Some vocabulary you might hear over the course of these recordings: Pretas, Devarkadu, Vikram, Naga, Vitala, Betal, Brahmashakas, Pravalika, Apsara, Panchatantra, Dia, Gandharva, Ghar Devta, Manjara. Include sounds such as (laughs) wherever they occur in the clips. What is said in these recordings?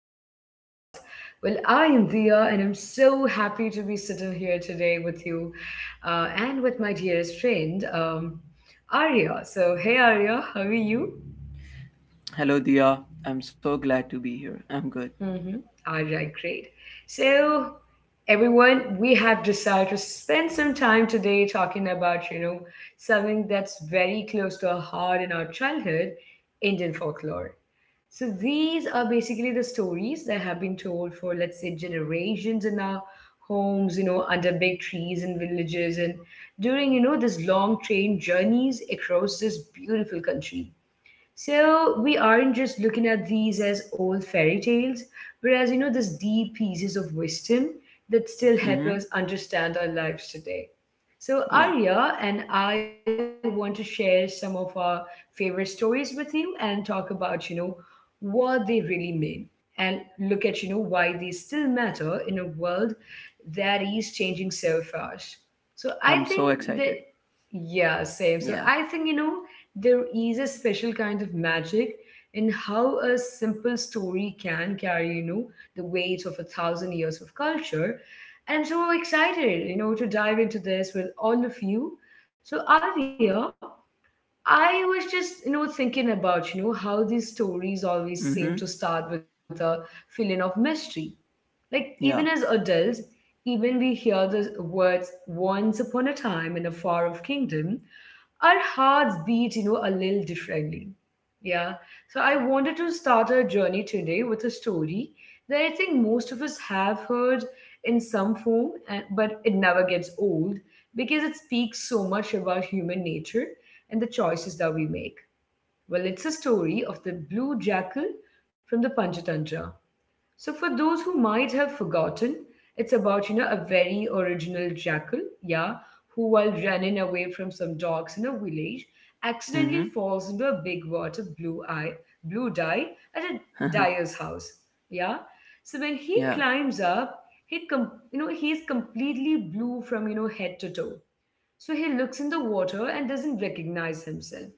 to our podcast. Well, I am Dia, and I'm so happy to be sitting here today with you and with my dearest friend, Arya. So, hey Arya, how are you? Hello, Dia. I'm so glad to be here. I'm good. Mm-hmm. All right, great. So, everyone, we have decided to spend some time today talking about, something that's very close to our heart in our childhood Indian folklore. So, these are basically the stories that have been told for, let's say, generations in our homes, under big trees and villages, and during, these long train journeys across this beautiful country. So we aren't just looking at these as old fairy tales, whereas these deep pieces of wisdom that still help Mm-hmm. us understand our lives today. So Yeah. Arya and I want to share some of our favorite stories with you and talk about what they really mean, and look at why they still matter in a world that is changing so fast. So I I'm so think excited. that yeah, same. So Yeah. I think there is a special kind of magic in how a simple story can carry, the weight of a thousand years of culture. And I'm so excited, to dive into this with all of you. So, Arya, I was just, thinking about, how these stories always seem to Mm-hmm. start with a feeling of mystery. Like, even as Yeah. adults, even we hear the words once upon a time in a far off kingdom, our hearts beat, a little differently. Yeah. So I wanted to start our journey today with a story that I think most of us have heard in some form, and, but it never gets old because it speaks so much about human nature and the choices that we make. Well, it's a story of the blue jackal from the Panchatantra. So for those who might have forgotten, it's about a very original jackal, yeah, who while running away from some dogs in a village, Mm-hmm. accidentally falls into a big vat of blue eye, blue dye at a dyer's house, yeah. So when (laughs) he yeah. climbs up, he is completely blue from head to toe. So he looks in the water and doesn't recognize himself.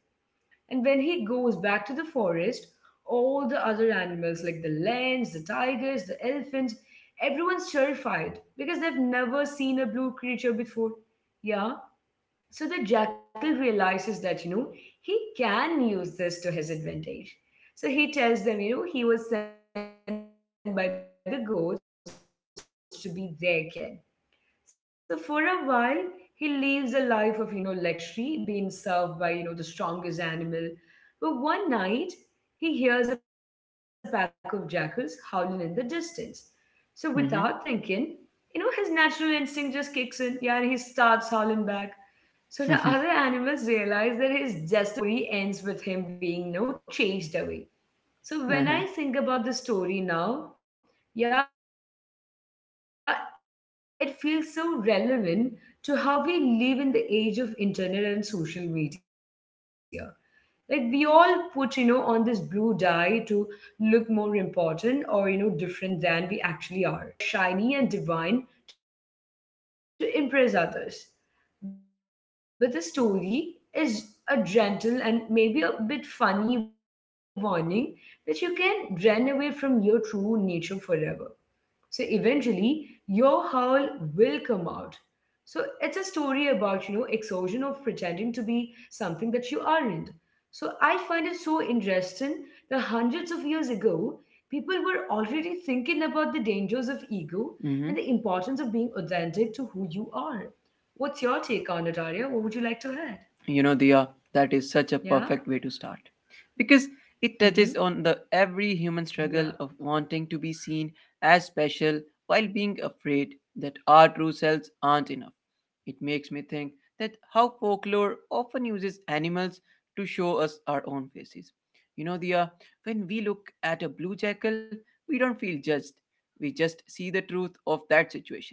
And when he goes back to the forest, all the other animals, like the lions, the tigers, the elephants, everyone's terrified because they've never seen a blue creature before. Yeah. So the jackal realizes that, he can use this to his advantage. So he tells them, he was sent by the gods to be their king. So for a while, he lives a life of, luxury, being served by, the strongest animal. But one night, he hears a pack of jackals howling in the distance. So without Mm-hmm. thinking, his natural instinct just kicks in, yeah, and he starts howling back. So the other animals realize that he's just a regular jackal in blue paint. Yeah, and (laughs) the mm-hmm. story ends with him being, chased away. So when I think about the story now, yeah, it feels so relevant to how we live in the age of internet and social media. Like we all put, on this blue dye to look more important or, different than we actually are. So we sort of create these, versions of ourselves that are shiny and divine to impress others. But the story is a gentle and maybe a bit funny warning that you can run away from your true nature forever. So eventually, your howl will come out. So it's a story about, exhaustion of pretending to be something that you aren't. So I find it so interesting that hundreds of years ago, people were already thinking about the dangers of ego and the importance of being authentic to who you are. What's your take on it, Arya? What would you like to Diya, add? that is such a perfect way to start Yeah? because it touches on the every Mm-hmm. human struggle of wanting to be seen Yeah. as special, while being afraid that our true selves aren't enough. It makes me think that how folklore often uses animals to show us our own faces. Diya, when we look at a blue jackal, we don't feel judged. We just see the truth of that situation.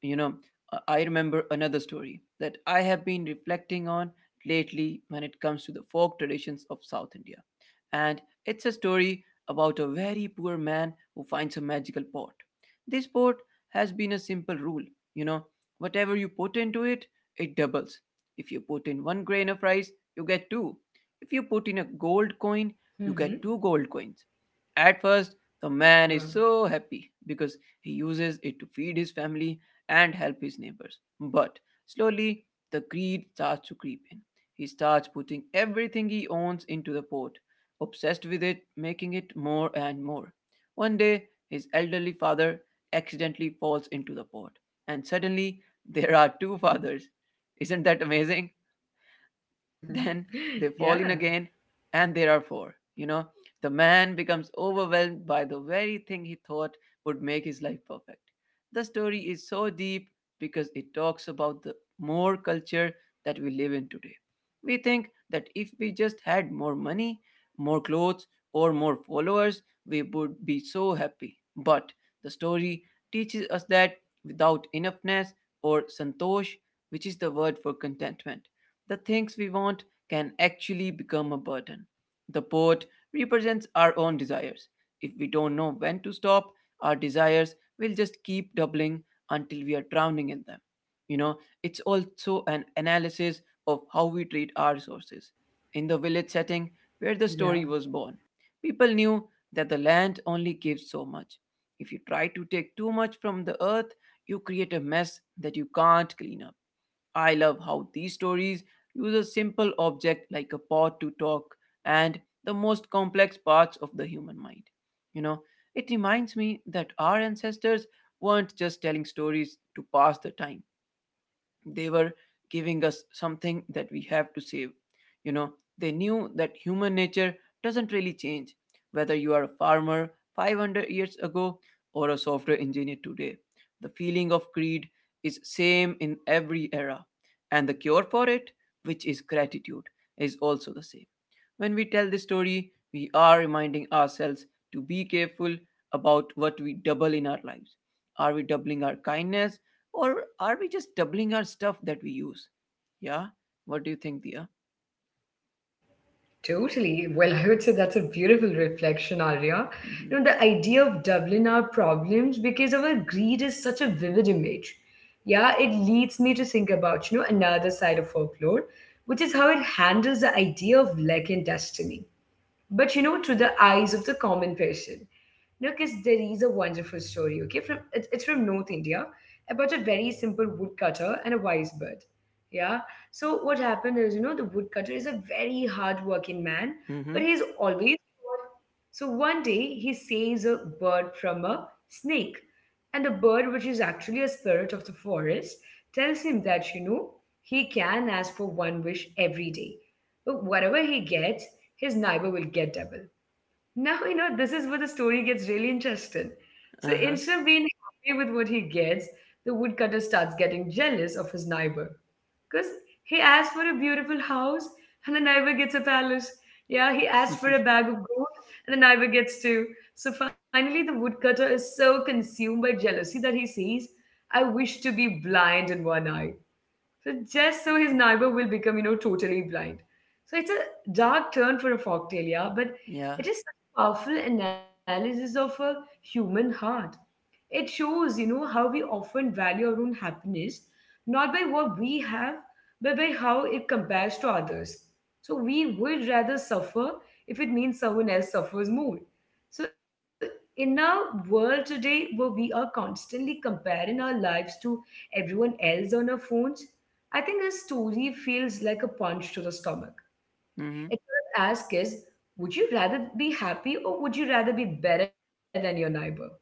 you know I remember another story that I have been reflecting on lately when it comes to the folk traditions of South India. And it's a story about a very poor man who finds a magical pot. This pot has been a simple rule. you know Whatever you put into it, it doubles. If you put in one grain of rice, you get two. If you put in a gold coin, you get two gold coins. At Mm-hmm. first, the man is so happy because he Wow. (laughs) uses it to feed his family and help his neighbors. But slowly, the greed starts to creep in. He starts putting everything he owns into the pot, obsessed with it, making it more and more. One day, his elderly father accidentally falls into the pot, and suddenly, there are two fathers. Isn't that amazing? Then they fall in again, and there are four. Yeah. The man becomes overwhelmed by the very thing he thought would make his life perfect. The story is so deep because it talks about the more culture that we live in today. We think that if we just had more money, more clothes, or more followers, we would be so happy. But the story teaches us that without enoughness or santosh, which is the word for contentment, the things we want can actually become a burden. The poet represents our own desires. If we don't know when to stop, our desires will just keep doubling until we are drowning in them. You know, it's also an analysis of how we treat our resources. In the village setting where the story was born, Yeah. people knew that the land only gives so much. If you try to take too much from the earth, you create a mess that you can't clean up. I love how these stories use a simple object like a pot to talk and the most complex parts of the human mind. You know, it reminds me that our ancestors weren't just telling stories to pass the time, they were giving us something that we have to save. You know, they knew that human nature doesn't really change, whether you are a farmer 500 years ago or a software engineer today. The feeling of greed is same in every era, and the cure for it, which is gratitude, is also the same. When we tell this story, we are reminding ourselves to be careful about what we double in our lives. Are we doubling our kindness or are we just doubling our stuff that we use? Yeah. What do you think, Dia? Totally. Well, I would say that's a beautiful reflection, Arya. Mm-hmm. You know, the idea of doubling our problems because of our greed is such a vivid image. Yeah, it leads me to think about, another side of folklore, which is how it handles the idea of luck and destiny, but through the eyes of the common person. Now, because there is a wonderful story, okay, it's from North India, about a very simple woodcutter and a wise bird. Yeah. So what happened is, the woodcutter is a very hard-working man, Mm-hmm. but he's always so one day he saves a bird from a snake, and the bird, which is actually a spirit of the forest, tells him that, he can ask for one wish every day. But whatever he gets, his neighbor will get double. Now, this is where the story gets really interesting. So instead of being happy with what he gets, the woodcutter starts getting jealous of his neighbor. Because he asks for a beautiful house and the neighbor gets a palace. Yeah, he asks for Uh-huh. a bag of gold and the neighbor gets two. So finally, the woodcutter is so consumed by jealousy that he sees, I wish to be blind in one eye. So just so his neighbor will become, totally blind. So it's a dark turn for a folk tale, yeah, but (laughs) yeah. it is such a powerful analysis of a human heart. It shows, how we often value our own happiness, not by what we have, but by how it compares to others. So we would rather suffer if it means someone else suffers more. So in our world today, where we are constantly comparing our lives to everyone else on our phones, I think his story feels like a punch to the stomach. It Mm-hmm. sort of asks is, would you rather be happy or would you rather be better than your neighbor?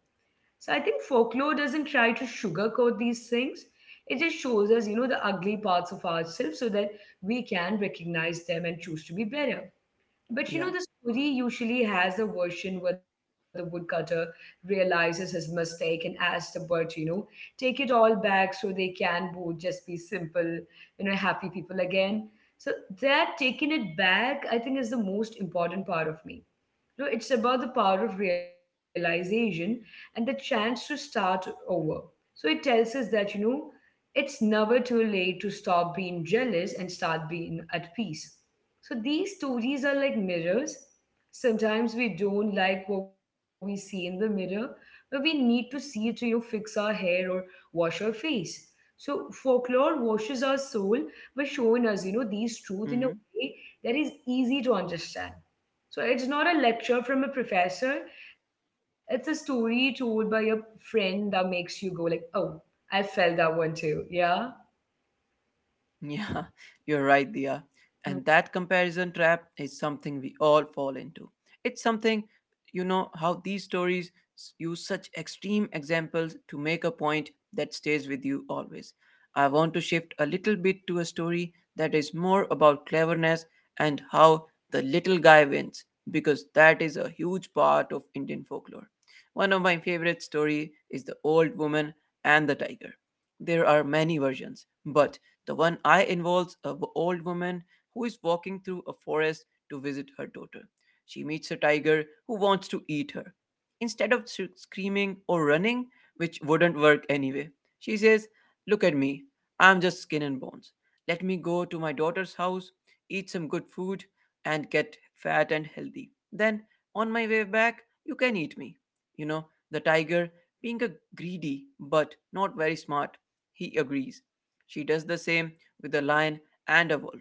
So I think folklore doesn't try to sugarcoat these things. It just shows us, the ugly parts of ourselves so that we can recognize them and choose to be better. But the Yeah. story usually has a version where the woodcutter realizes his mistake and asks the bird to, take it all back so they can both just be simple, happy people again. So that taking it back, I think, is the most important part of me. No, it's about the power of realization and the chance to start over. So it tells us that, it's never too late to stop being jealous and start being at peace. So these stories are like mirrors. Sometimes we don't like what we see in the mirror, but we need to see it to, fix our hair or wash our face. So folklore washes our soul by showing us, these truth in Mm-hmm. a way that is easy to understand. So it's not a lecture from a professor, it's a story told by a friend that makes you go like, "Oh, I felt that one too." Yeah. Yeah, (laughs) you're right, Dia. And that comparison trap is something we all fall into. It's something, how these stories use such extreme examples to make a point that stays with you always. I want to shift a little bit to a story that is more about cleverness and how the little guy wins, because that is a huge part of Indian folklore. One of my favorite story is The Old Woman and the Tiger. There are many versions, but the one I involves a old woman who is walking through a forest to visit her daughter. She meets a tiger who wants to eat her. Instead of screaming or running, which wouldn't work anyway, she says, "Look at me. I'm just skin and bones. Let me go to my daughter's house, eat some good food, and get fat and healthy. Then, on my way back, you can eat me." The tiger, being a greedy but not very smart, he agrees. She does the same with a lion and a wolf.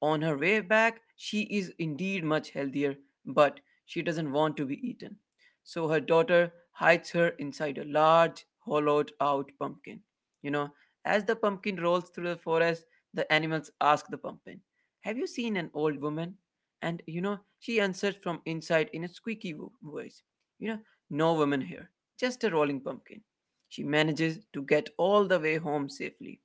On her way back, she is indeed much healthier, but she doesn't want to be eaten. So her daughter hides her inside a large, hollowed out pumpkin. You know, as the pumpkin rolls through the forest, the animals ask the pumpkin, "Have you seen an old woman?" And, she answers from inside in a squeaky voice, You know, "No woman here, just a rolling pumpkin." She manages to get all the way home safely.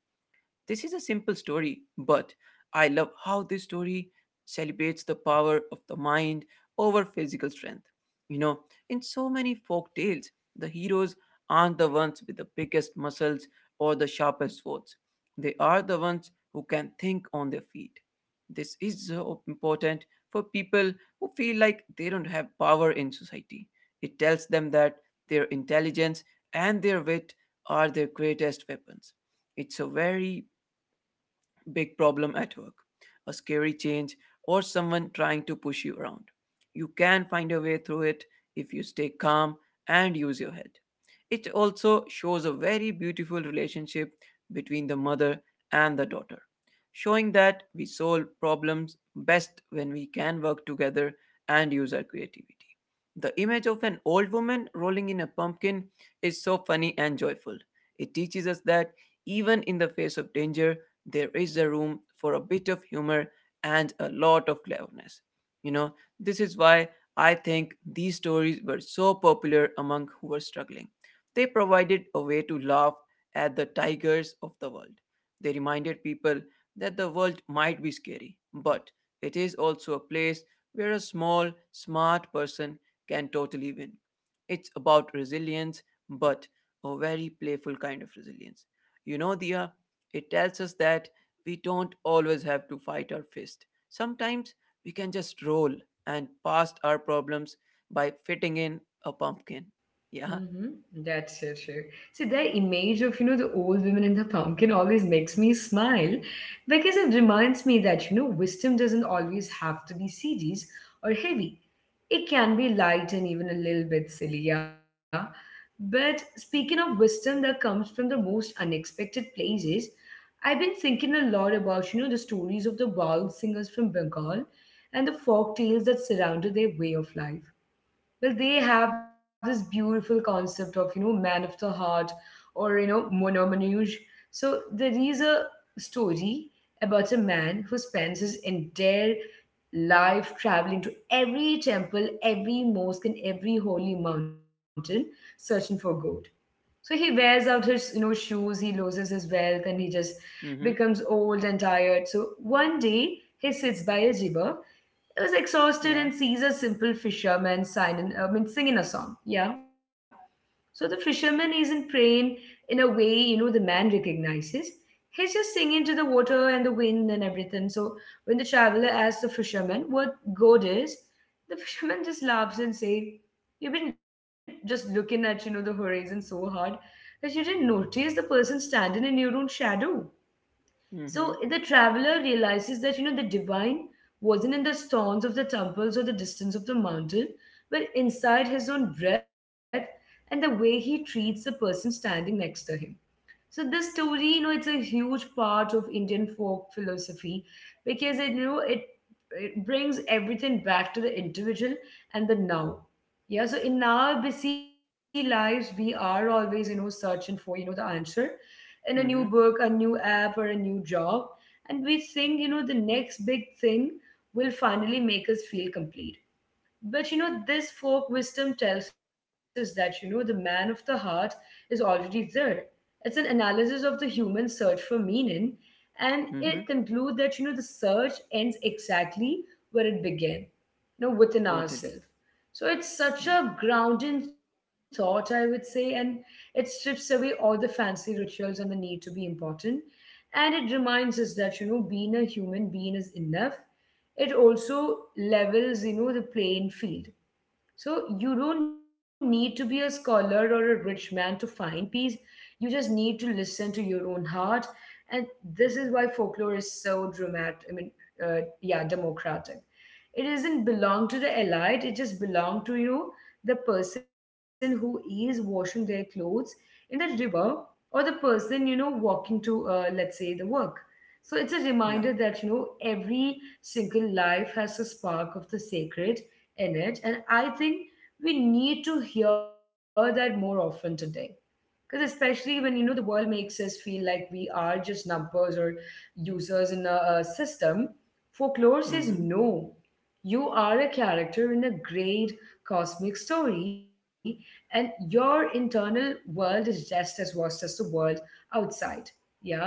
This is a simple story, but I love how this story celebrates the power of the mind over physical strength. You know, in so many folk tales, the heroes aren't the ones with the biggest muscles or the sharpest swords. They are the ones who can think on their feet. This is so important for people who feel like they don't have power in society. It tells them that their intelligence and their wit are their greatest weapons. It's a very big problem at work, a scary change, or someone trying to push you around. You can find a way through it if you stay calm and use your head. It also shows a very beautiful relationship between the mother and the daughter, showing that we solve problems best when we can work together and use our creativity. The image of an old woman rolling in a pumpkin is so funny and joyful. It teaches us that even in the face of danger, there is a room for a bit of humor and a lot of cleverness. You know, this is why I think these stories were so popular among who were struggling. They provided a way to laugh at the tigers of the world. They reminded people that the world might be scary, but it is also a place where a small, smart person can totally win. It's about resilience, but a very playful kind of resilience. Dia, it tells us that we don't always have to fight our fist. Sometimes we can just roll and past our problems by fitting in a pumpkin. Yeah. Mm-hmm. That's so true. See, the image of, the old women in the pumpkin always makes me smile because it reminds me that, wisdom doesn't always have to be serious or heavy. It can be light and even a little bit silly, yeah. But speaking of wisdom that comes from the most unexpected places, I've been thinking a lot about, the stories of the wild singers from Bengal and the folk tales that surrounded their way of life. Well, they have this beautiful concept of man of the heart, or monomanouge. So there is a story about a man who spends his entire life traveling to every temple, every mosque, and every holy mountain, searching for god. So he wears out his, shoes, he loses his wealth, and he just Mm-hmm. becomes old and tired. So one day he sits by a river, he was exhausted, Yeah. and sees a simple fisherman I mean, singing a song. Yeah. So the fisherman isn't praying in a way, the man recognizes. He's just singing to the water and the wind and everything. So when the traveler asks the fisherman what God is, the fisherman (laughs) just laughs and says, "You've been just looking at, the horizon so hard that you didn't notice the person standing in your own shadow." So Mm-hmm. the traveler realizes that the divine wasn't in the stones of the temples or the distance of the mountain, but inside his own breath and the way he treats the person standing next to him. So this story, it's a huge part of Indian folk philosophy because it, you know, it brings everything back to the individual and the now. Yeah, so in our busy lives, we are always, searching for, the answer in a new Mm-hmm. book, a new app, or a new job. And we think, the next big thing will finally make us feel complete. But, this folk wisdom tells us that, the man of the heart is already there. It's an analysis of the human search for meaning, and it Mm-hmm. concludes that the search ends exactly where it began, within Totally. ourselves. So it's such Yeah. a grounding thought, I would say, and it strips away all the fancy rituals and the need to be important. And it reminds us that, being a human being is enough. It also levels, the playing field, so you don't need to be a scholar or a rich man to find peace. You just need to listen to your own heart. And this is why folklore is so dramatic. I mean, yeah, democratic. It doesn't belong to the elite. It just belong to you, the person who is washing their clothes in the river, or the person walking to, let's say, the work. So it's a reminder Yeah. that, every single life has a spark of the sacred in it. And I think we need to hear that more often today. Because especially when, the world makes us feel like we are just numbers or users in a system, folklore says Mm-hmm. no. You are a character in a great cosmic story, and your internal world is just as vast as the world outside. Yeah?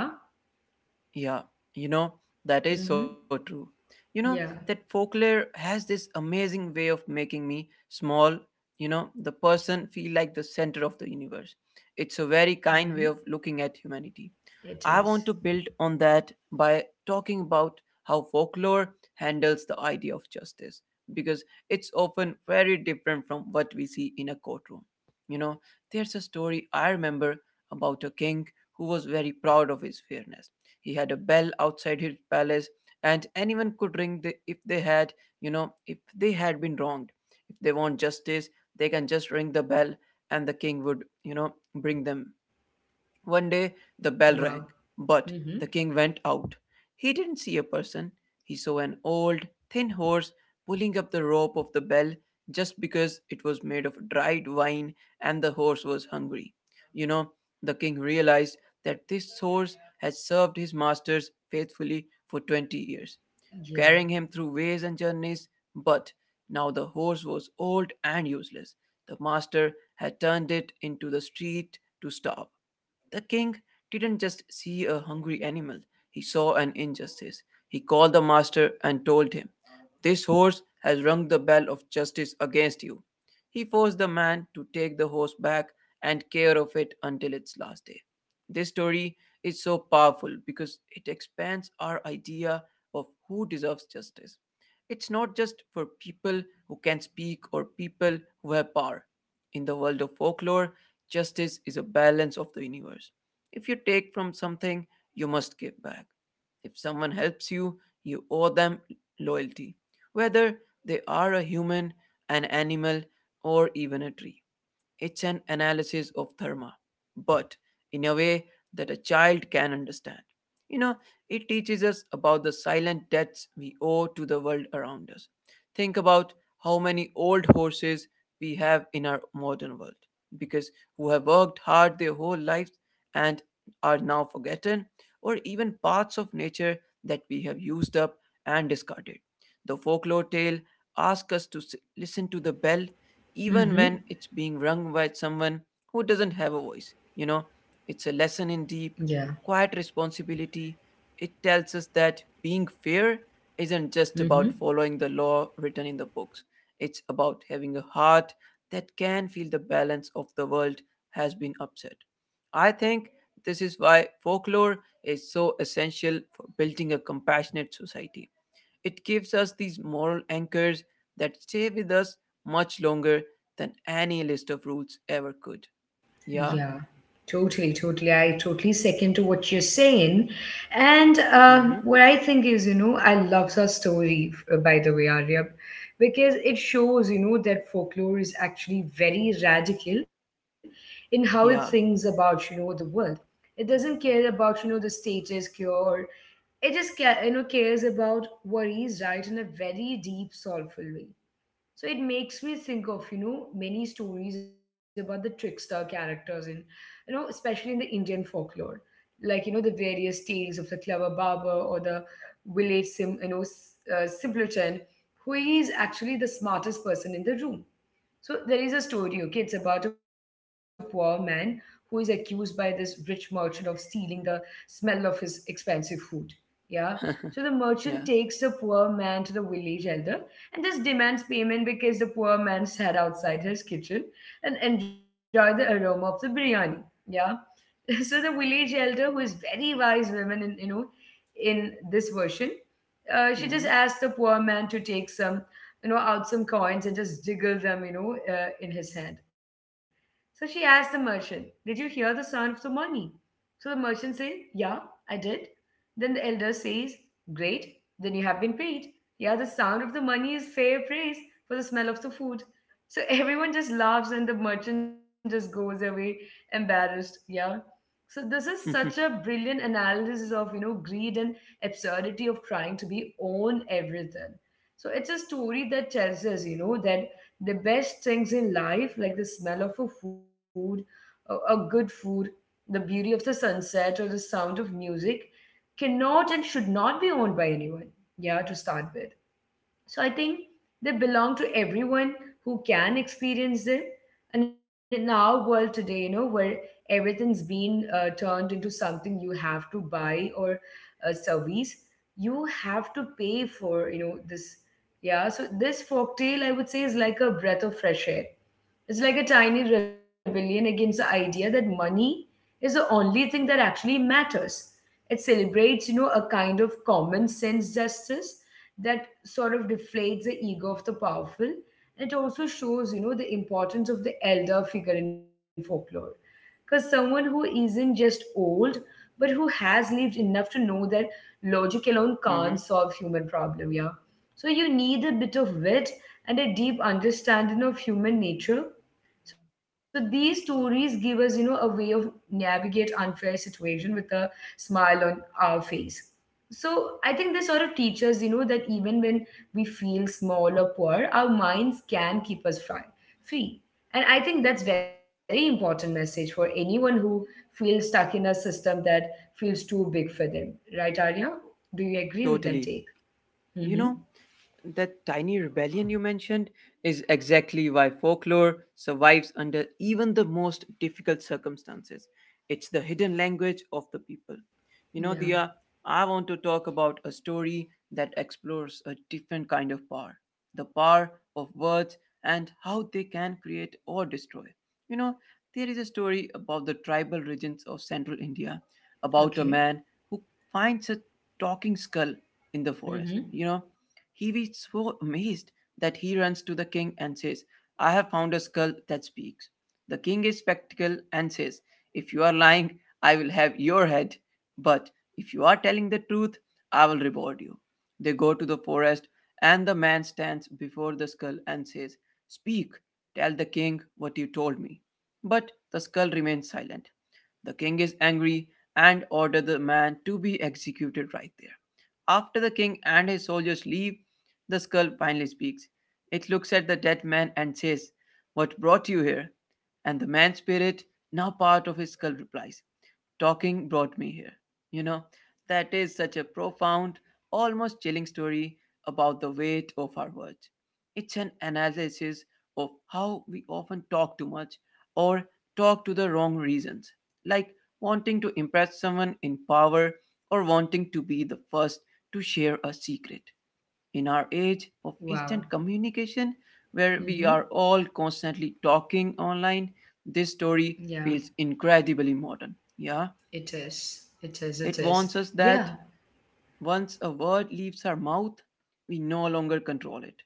Yeah. You know, that Mm-hmm. is so true. You know, Yeah. that folklore has this amazing way of making me small, the person feel like the center of the universe. It's a very kind way Mm-hmm. of looking at humanity. It I want is. to build on that by talking about how folklore handles the idea of justice because it's often very different from what we see in a courtroom. You know, there's a story I remember about a king who was very proud of his fairness. He had a bell outside his palace and anyone could ring the, if they had, if they had been wronged. If they want justice, they can just ring the bell and the king would, bring them. One day, the bell rang, Wow. but the Mm-hmm. king went out. He didn't see a person. He saw an old, thin horse pulling up the rope of the bell just because it was made of dried wine and the horse was hungry. You know, the king realized that this horse had served his masters faithfully for 20 years, Yeah. carrying him through ways and journeys. But now the horse was old and useless. The master had turned it into the street to starve. The king didn't just see a hungry animal, he saw an injustice. He called the master and told him, "This horse has rung the bell of justice against you." He forced the man to take the horse back and care of it until its last day. This story is so powerful because it expands our idea of who deserves justice. It's not just for people who can speak or people who have power. In the world of folklore, justice is a balance of the universe. If you take from something, you must give back. If someone helps you, you owe them loyalty, whether they are a human, an animal, or even a tree. It's an analysis of Dharma, but in a way that a child can understand. You know, it teaches us about the silent debts we owe to the world around us. Think about how many old horses we have in our modern world, because who have worked hard their whole lives and are now forgotten, or even parts of nature that we have used up and discarded. The folklore tale asks us to listen to the bell even Mm-hmm. when it's being rung by someone who doesn't have a voice. Yeah. It's a lesson in deep, quiet responsibility. It tells us that being fair isn't Mm-hmm. just about following the law written in the books, it's about having a heart that can feel the balance of the world has been upset. I think this is why folklore is so essential for building a compassionate society. It gives us these moral anchors that stay with us much longer than any list of rules ever could. Yeah. Yeah, totally, totally. I totally second to what you're saying. And Mm-hmm. what I think is, I love that story, by the way, Arya, because it shows, that folklore is actually very radical in how it thinks Yeah. about, the world. It doesn't care about, the status quo. It just, cares about what is right in a very deep, soulful way, so it makes me think of, many stories about the trickster characters in, especially in the Indian folklore. Like, the various tales of the clever barber or the village, sim, you know, s- simpleton, who is actually the smartest person in the room. So there is a story, okay? It's about a poor man who is accused by this rich merchant of stealing the smell of his expensive food. Yeah. So (laughs) the merchant yeah. takes the poor man to the village elder and just demands payment because the poor man sat outside his kitchen and enjoyed the aroma of the biryani. Yeah. (laughs) So the village elder, who is very wise woman in in this version, Mm-hmm. she just asked the poor man to take some out some coins and just jiggle them, in his hand. So she asked the merchant, "Did you hear the sound of the money?" So the merchant said, "Yeah, I did." Then the elder says, "Great, then you have been paid. Yeah, the sound of the money is fair praise for the smell of the food." So (laughs) everyone just laughs and the merchant just goes away embarrassed. Yeah. So this is such a brilliant analysis of, greed and absurdity of trying to be own everything. So it's a story that tells us, that the best things in life, like the smell of a food, a good food, the beauty of the sunset, or the sound of music, cannot and should not be owned by anyone. Yeah, to start with. So I think they belong to everyone who can experience them. And in our world today, where everything's been turned into something you have to buy or a service, you have to pay for, this. Yeah, so this folktale, I would say, is like a breath of fresh air. It's like a tiny rebellion against the idea that money is the only thing that actually matters. It celebrates, a kind of common sense justice that sort of deflates the ego of the powerful. And it also shows, the importance of the elder figure in folklore. Because someone who isn't just old, but who has lived enough to know that logic alone (laughs) can't mm-hmm. solve human problem, yeah. So you need a bit of wit and a deep understanding of human nature. So these stories give us, a way of navigate unfair situation with a smile on our face. So I think they sort of teach us, that even when we feel small or poor, our minds can keep us free. And I think that's very important message for anyone who feels stuck in a system that feels too big for them. Right, Arya? Do you agree with Totally. that take? You know, Mm-hmm. that tiny rebellion you mentioned is exactly why folklore survives under even the most difficult circumstances. It's the hidden language of the people. You know, Dia, Yeah. I want to talk about a story that explores a different kind of power, the power of words and how they can create or destroy. You know, there is a story about the tribal regions of central India about a man Okay. who finds a talking skull in the forest. You know, Mm-hmm. he was so amazed that he runs to the king and says, "I have found a skull that speaks." The king is spectacle and says, "If you are lying, I will have your head, but if you are telling the truth, I will reward you." They go to the forest, and the man stands before the skull and says, "Speak, tell the king what you told me." But the skull remains silent. The king is angry and orders the man to be executed right there. After the king and his soldiers leave, the skull finally speaks. It looks at the dead man and says, "What brought you here?" And the man's spirit, now part of his skull, replies, "Talking brought me here." You know, that is such a profound, almost chilling story about the weight of our words. It's an analysis of how we often talk too much or talk to the wrong reasons, like wanting to impress someone in power or wanting to be the first to share a secret. In our age of instant Wow. communication, where we are Mm-hmm. all constantly talking online, this story Yeah. feels incredibly modern. Yeah. It is. It is. It It warns is. us that Yeah. once a word leaves our mouth, we no longer control it.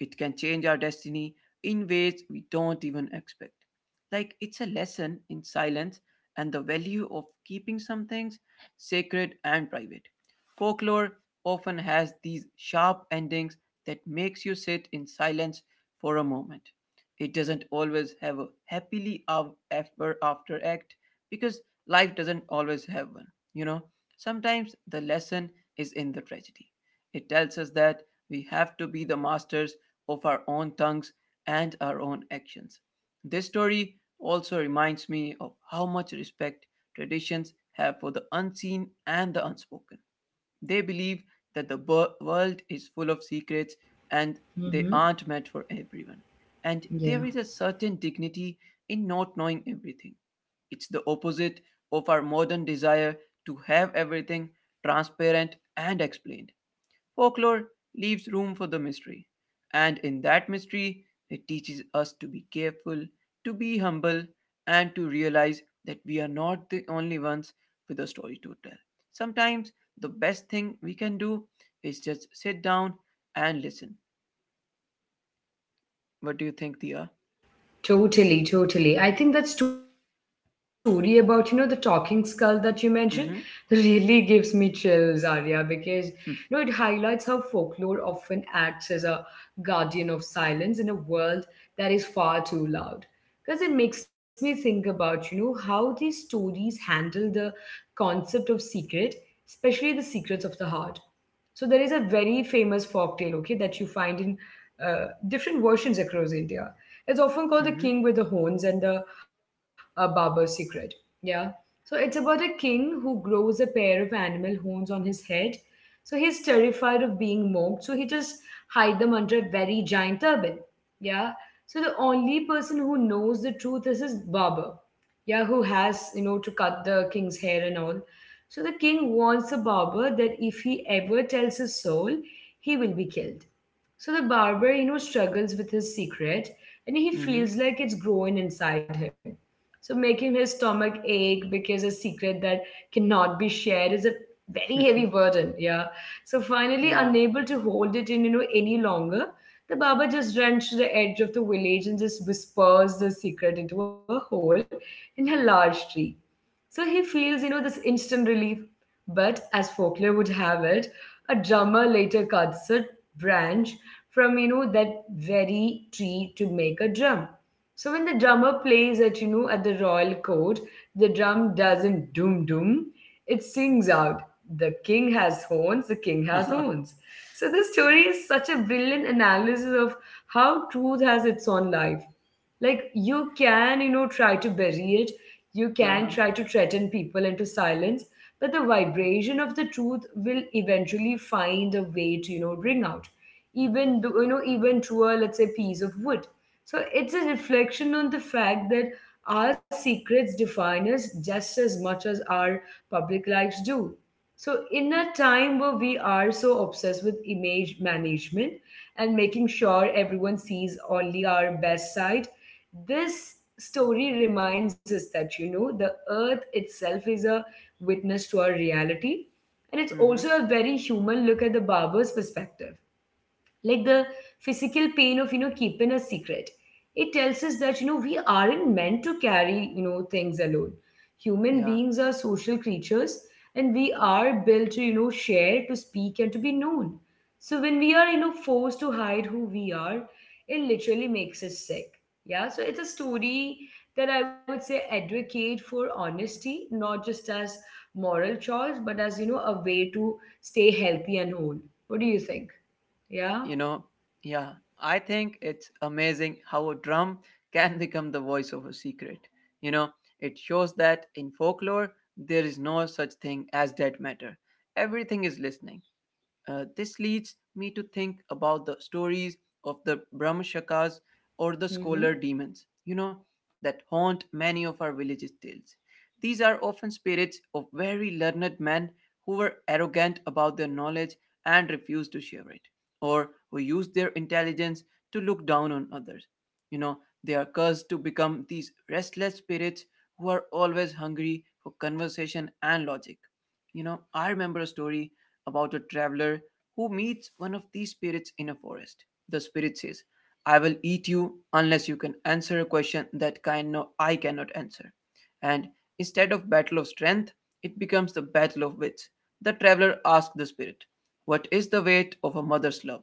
It can change our destiny in ways we don't even expect. Like it's a lesson in silence and the value of keeping some things sacred and private. Folklore often has these sharp endings that makes you sit in silence for a moment. It doesn't always have a ever after act because life doesn't always have one. You know, sometimes the lesson is in the tragedy. It tells us that we have to be the masters of our own tongues and our own actions. This story also reminds me of how much respect traditions have for the unseen and the unspoken. They believe that the world is full of secrets and they Mm-hmm. aren't meant for everyone. And there Yeah. is a certain dignity in not knowing everything. It's the opposite of our modern desire to have everything transparent and explained. Folklore leaves room for the mystery, and in that mystery, it teaches us to be careful, to be humble, and to realize that we are not the only ones with a story to tell. Sometimes the best thing we can do is just sit down and listen. What do you think, Dia? Totally, totally. I think that story about, the talking skull that you mentioned (laughs) really Mm-hmm. gives me chills, Arya, because, it highlights how (laughs) folklore often acts as a guardian of silence in a world that is far too loud. Because it makes me think about, how these stories handle the concept of secret, especially the secrets of the heart. So there is a very famous folk tale, okay, that you find in different versions across India. It's often called the king with the horns and the barber's secret. Yeah. So it's about a king who grows a pair of animal horns on his head. So he's terrified of being mocked, so he just hide them under a very giant turban. Yeah. So the only person who knows the truth is his barber. Yeah, who has, to cut the king's hair and all. So the king warns the barber that if he ever tells his soul, he will be killed. So the barber, struggles with his secret and he Mm-hmm. feels like it's growing inside him. So making his stomach ache because a secret that cannot be shared is a very Mm-hmm. heavy burden, yeah. So finally, (laughs) yeah. unable to hold it in, any longer, the barber just runs to the edge of the village and just whispers the secret into a hole in a large tree. So he feels, this instant relief. But as folklore would have it, a drummer later cuts a branch from that very tree to make a drum. So when the drummer plays at at the royal court, the drum doesn't doom doom. It sings out, "The king has horns. The (laughs) king has uh-huh. horns." So this story is such a brilliant analysis of how truth has its own life. Like you can try to bury it, you can try to threaten people into silence, but the vibration of the truth will eventually find a way to ring out, even though even through a, let's say, piece of wood. So it's a reflection on the fact that our secrets define us just as much as our public lives do. So in a time where we are so obsessed with image management and making sure everyone sees only our best side, this story reminds us that, the earth itself is a witness to our reality. And it's Mm-hmm. also a very human look at the barber's perspective, like the physical pain of keeping a secret. It tells us that we aren't meant to carry things alone. Human Yeah, beings are social creatures, and we are built to share, to speak, and to be known. So when we are forced to hide who we are, it literally makes us sick, yeah. So it's a story that I would say advocate for honesty, not just as moral choice but as, a way to stay healthy and whole. What do you think? Yeah. you know, yeah, I think it's amazing how a drum can (laughs) become the voice of a secret. You know, it shows that in folklore, there is no such thing as dead matter. Everything is listening. This leads me to think about the stories of the Brahmashakas or the scholar Mm-hmm. demons, that haunt many of our villages' tales. These are often spirits of very learned men who were arrogant about their knowledge and refused to share it, or who used their intelligence to look down on others. You know, they are cursed to become these restless spirits who are always hungry for conversation and logic. You know, I remember a story about a traveler who meets one of these spirits in a forest. The spirit says, "I will eat you unless you can answer a question that kind no, I cannot answer." And instead of battle of strength, it becomes the battle of wits. The traveler asks the spirit, "What is the weight of a mother's love?"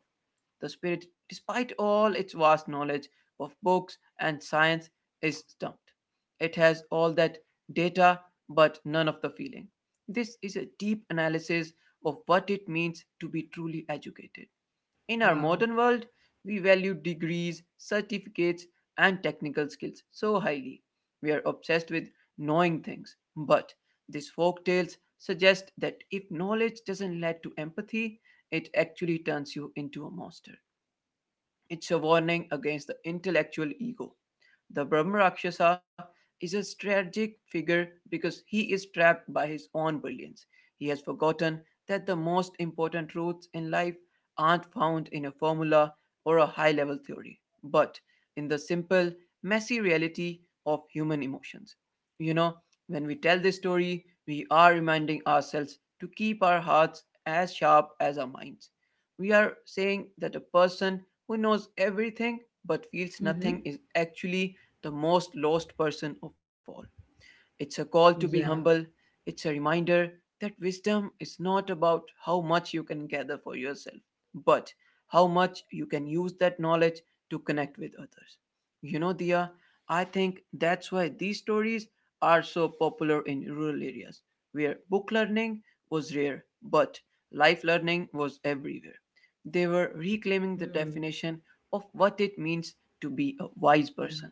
The spirit, despite all its vast knowledge of books and science, is stumped. It has all that data but none of the feeling. This is a deep analysis of what it means to be truly educated. In our Wow. modern world, we value degrees, certificates, and technical skills so highly. We are obsessed with knowing things. But these folktales suggest that if knowledge doesn't lead to empathy, it actually turns you into a monster. It's a warning against the intellectual ego. The Brahma Rakshasa is a tragic figure because he is trapped by his own brilliance. He has forgotten that the most important truths in life aren't found in a formula or a high level theory, but in the simple, messy reality of human emotions. You know, when we tell this story, we are reminding ourselves to keep our hearts as sharp as our minds. We are saying that a person who knows everything but feels nothing Mm-hmm. is actually the most lost person of all. It's a call to Yeah. be humble. It's a reminder that wisdom is not about how much you can gather for yourself, but how much you can use that knowledge to connect with others. You know, Dia, I think that's why these stories are so popular in rural areas where book learning was rare, but life learning was everywhere. They were reclaiming the Mm. definition of what it means to be a wise Yeah. person.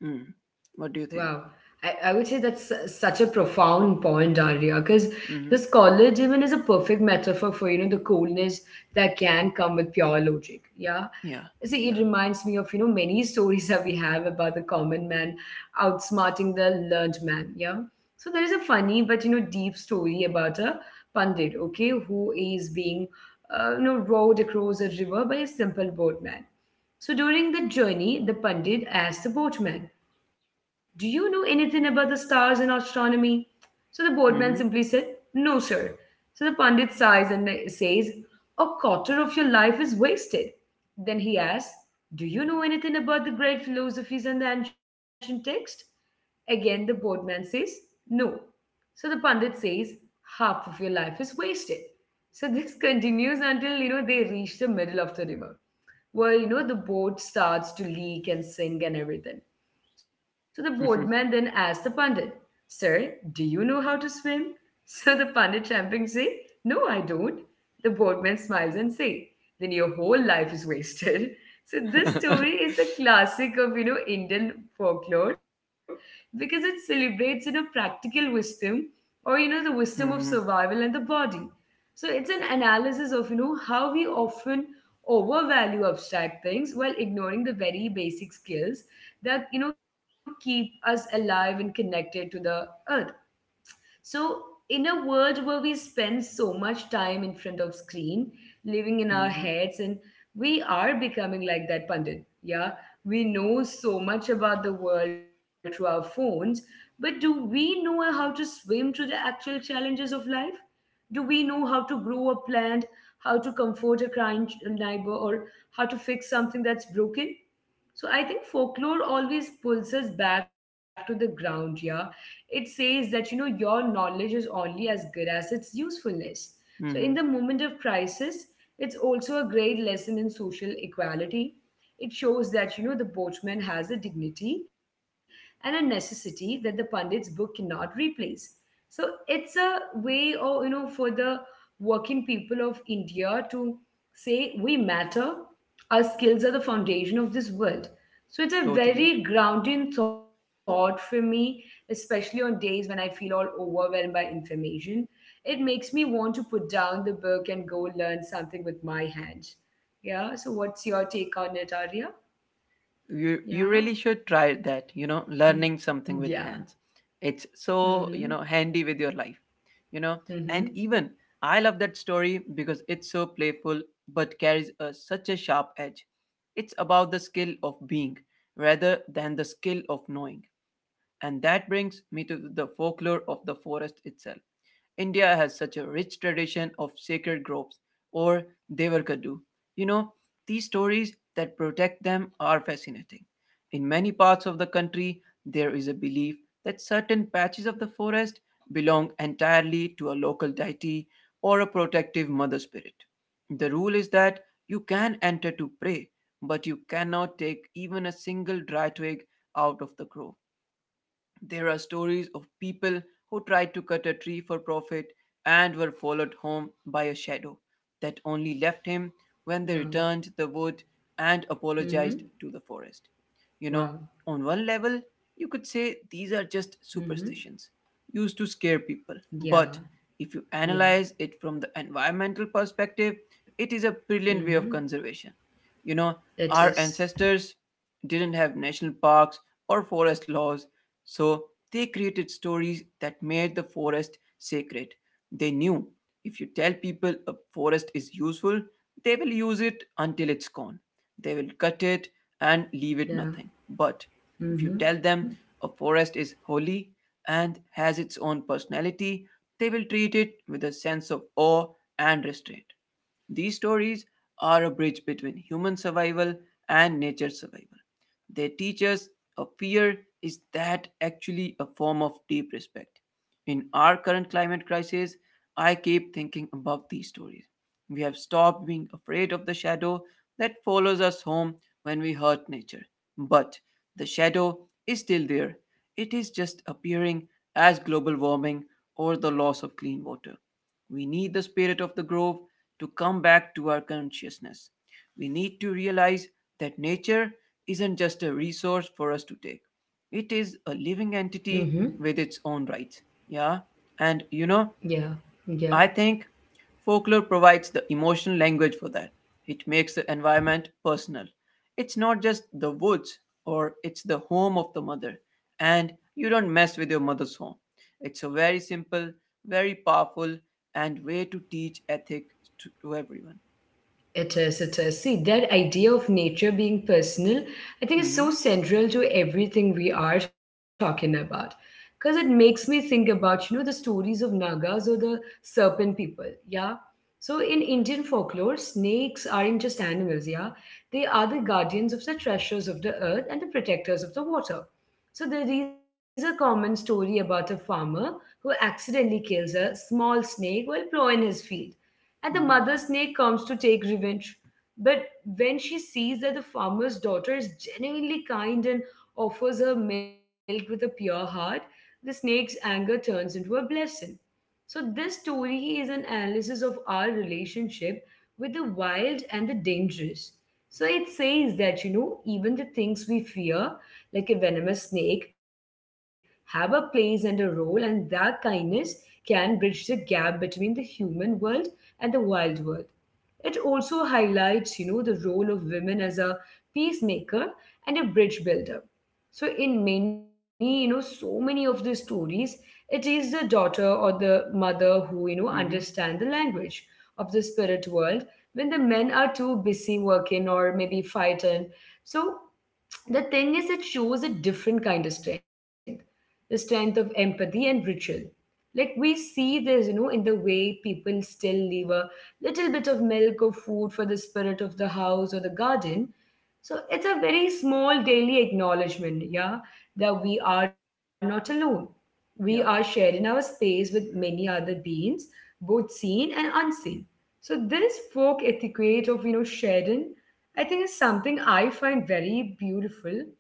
Hmm. I, What I do you would say think? that's such a profound point, Daria, because this college even is Mm-hmm. a perfect metaphor for, the coolness that can come with pure logic. Yeah. See, it Yeah. reminds me Yeah. of, many (laughs) stories that we have about the common man outsmarting the learned man. Yeah. So there is a funny but, deep story about a pundit, okay, who is being, rowed across a river by a simple boatman. So during the journey, the Pandit asked the boatman, "Do you know anything about the stars and astronomy?" So the Mm-hmm. boatman simply said, "No, sir." So the Pandit sighs and says, "A quarter of your life is wasted." Then he asks, "Do you know anything about the great philosophies and the ancient text?" Again, the boatman says, "No." So the Pandit says, "Half of your life is wasted." So this (laughs) continues until they reach the middle of the river where the boat starts to leak and sink and everything. So the (laughs) boatman then asked the pundit, "Sir, do you know how to swim?" (laughs) So the pundit champing say, "No, I don't." The boatman smiles and say, "Then your whole life is wasted." (laughs) So this story is a classic of Indian folklore because it celebrates practical wisdom or the Mm-hmm. wisdom mm-hmm. of survival and the body. So it's an analysis of how we often overvalue abstract things while ignoring the very basic skills that keep us alive and connected to the earth. So in a world where we spend so much time in front of screen, living in our Mm-hmm. heads, and we are becoming like that pundit. Yeah, we know so much about the world through our phones, but do we know how to swim through the actual challenges of life? Do we know how to grow a plant, how to comfort a crying neighbor, or how to fix something that's broken? So I think folklore always pulls us back to the ground, yeah. It says that, your knowledge is only as good as its usefulness. So in the Mm-hmm. moment of crisis, it's also a great lesson in social equality. It shows that, the boatman has a dignity and a necessity that the pundit's book cannot replace. So it's a way, or, for the working people of India to say we matter. Our skills are the foundation of this world. So it's (laughs) a Totally. very grounding thought for me, especially on days when I feel all overwhelmed by information. It makes me want to put down the book and go learn something with my hands. Yeah. So what's your take on it, Arya? You Yeah. really should try that, you know, learning Yeah. something with hands. It's Mm-hmm. so, you know, handy with your life, you know. Mm-hmm. And even I love that story because it's so playful but carries such a sharp edge. It's about the skill of being rather than the skill of knowing. And that brings me to the folklore of the forest itself. India has such a rich tradition of sacred groves or Devarkadu. You know, these stories that protect them are fascinating. In many parts of the country, there is a belief that certain patches of the forest belong entirely to a local deity or a protective mother spirit. The rule is that you can enter to pray, but you cannot take even a single dry twig out of the grove. There are stories of people who tried to cut a tree for profit and were followed home by a shadow that only left him when they Wow. returned the wood and apologized Mm-hmm. to the forest. You know, Wow. on one level, you could say these Mm-hmm. are just superstitions used to scare Yeah. people, but Yeah. if you analyze it from the environmental perspective, it is a brilliant way Mm-hmm. of conservation. You know, It our is. ancestors didn't have national parks or forest laws, so they created stories that made the forest sacred. They knew if you tell people a forest is useful, they will use it until it's gone. They will cut it and leave it Yeah. nothing. But if you Mm-hmm. tell them a forest is holy and has its own personality, they will treat it with a sense of awe and restraint. These stories are a bridge between human survival and nature's survival. They teach us a fear is that actually a form of deep respect. In our current climate crisis, I keep thinking about these stories. We have stopped being afraid of the shadow that follows us home when we hurt nature. But the shadow is still there. It is just appearing as global warming or the loss of clean water. We need the spirit of the grove to come back to our consciousness. We need to realize that nature isn't just a resource for us to take. It is a Mm-hmm. living entity with its own rights. Yeah. Yeah. And you know, Yeah. I think folklore provides the emotional language for that. It makes the environment personal. It's not just the woods or it's the home of the mother. And you don't mess with your mother's home. It's a very simple, very powerful, and way to teach ethics to everyone. It is, it is. See, that idea of nature being personal, I think is Mm-hmm. so central to everything we are talking about. Because it makes me think about, the stories of Nagas or the serpent people, yeah? So in Indian folklore, snakes aren't just animals, yeah? They are the guardians of the treasures of the earth and the protectors of the water. So there is a common story about a farmer who accidentally kills a small snake while plowing his field and the Mm-hmm. mother snake comes to take revenge. But when she sees that the farmer's daughter is genuinely kind and offers her milk with a pure heart, the snake's anger turns into a blessing. So this story is an analysis of our relationship with the wild and the dangerous. So it says that, even the things we fear, like a venomous snake, have a place and a role, and that kindness can bridge the gap between the human world and the wild world. It also highlights, the role of women as a peacemaker and a bridge builder. So in many, so many of the stories, it is the daughter or the mother who, understand the Mm-hmm. language of the spirit world when the men are too busy working or maybe fighting. So the thing is, it shows a different kind of strength, the strength of empathy and ritual, like we see this in the way people still leave a little bit of milk or food for the spirit of the house or the garden. So it's a very small daily acknowledgement, yeah, that we are not alone. We are shared in Yeah. our space with many other beings, both seen and unseen. So this folk etiquette of sharing, I think, is something I find very beautiful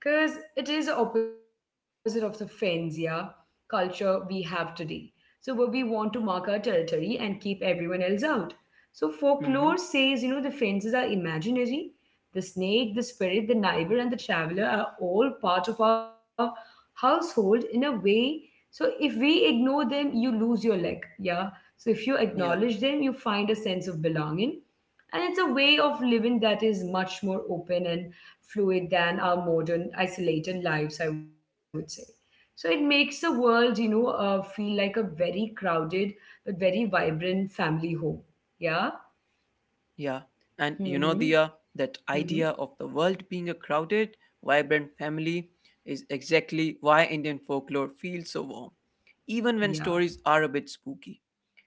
because it is the opposite of the fence, yeah, culture we have today. So where we want to mark our territory and keep everyone else out. So folklore Mm-hmm. says, the fences are imaginary. The snake, the spirit, the neighbor, and the traveler are all part of our household in a way. So if we ignore them, you lose your leg. Yeah. So if you acknowledge Yeah. them, you find a sense of belonging. And it's a way of living that is much more open and fluid than our modern isolated lives, I would say. So it makes the world, feel like a very crowded but very vibrant family home. Yeah. Yeah, and you know, Mm-hmm. Dia, that Mm-hmm. idea of the world being a crowded, vibrant family is exactly why Indian folklore feels so warm, even Yeah. when stories are a bit spooky.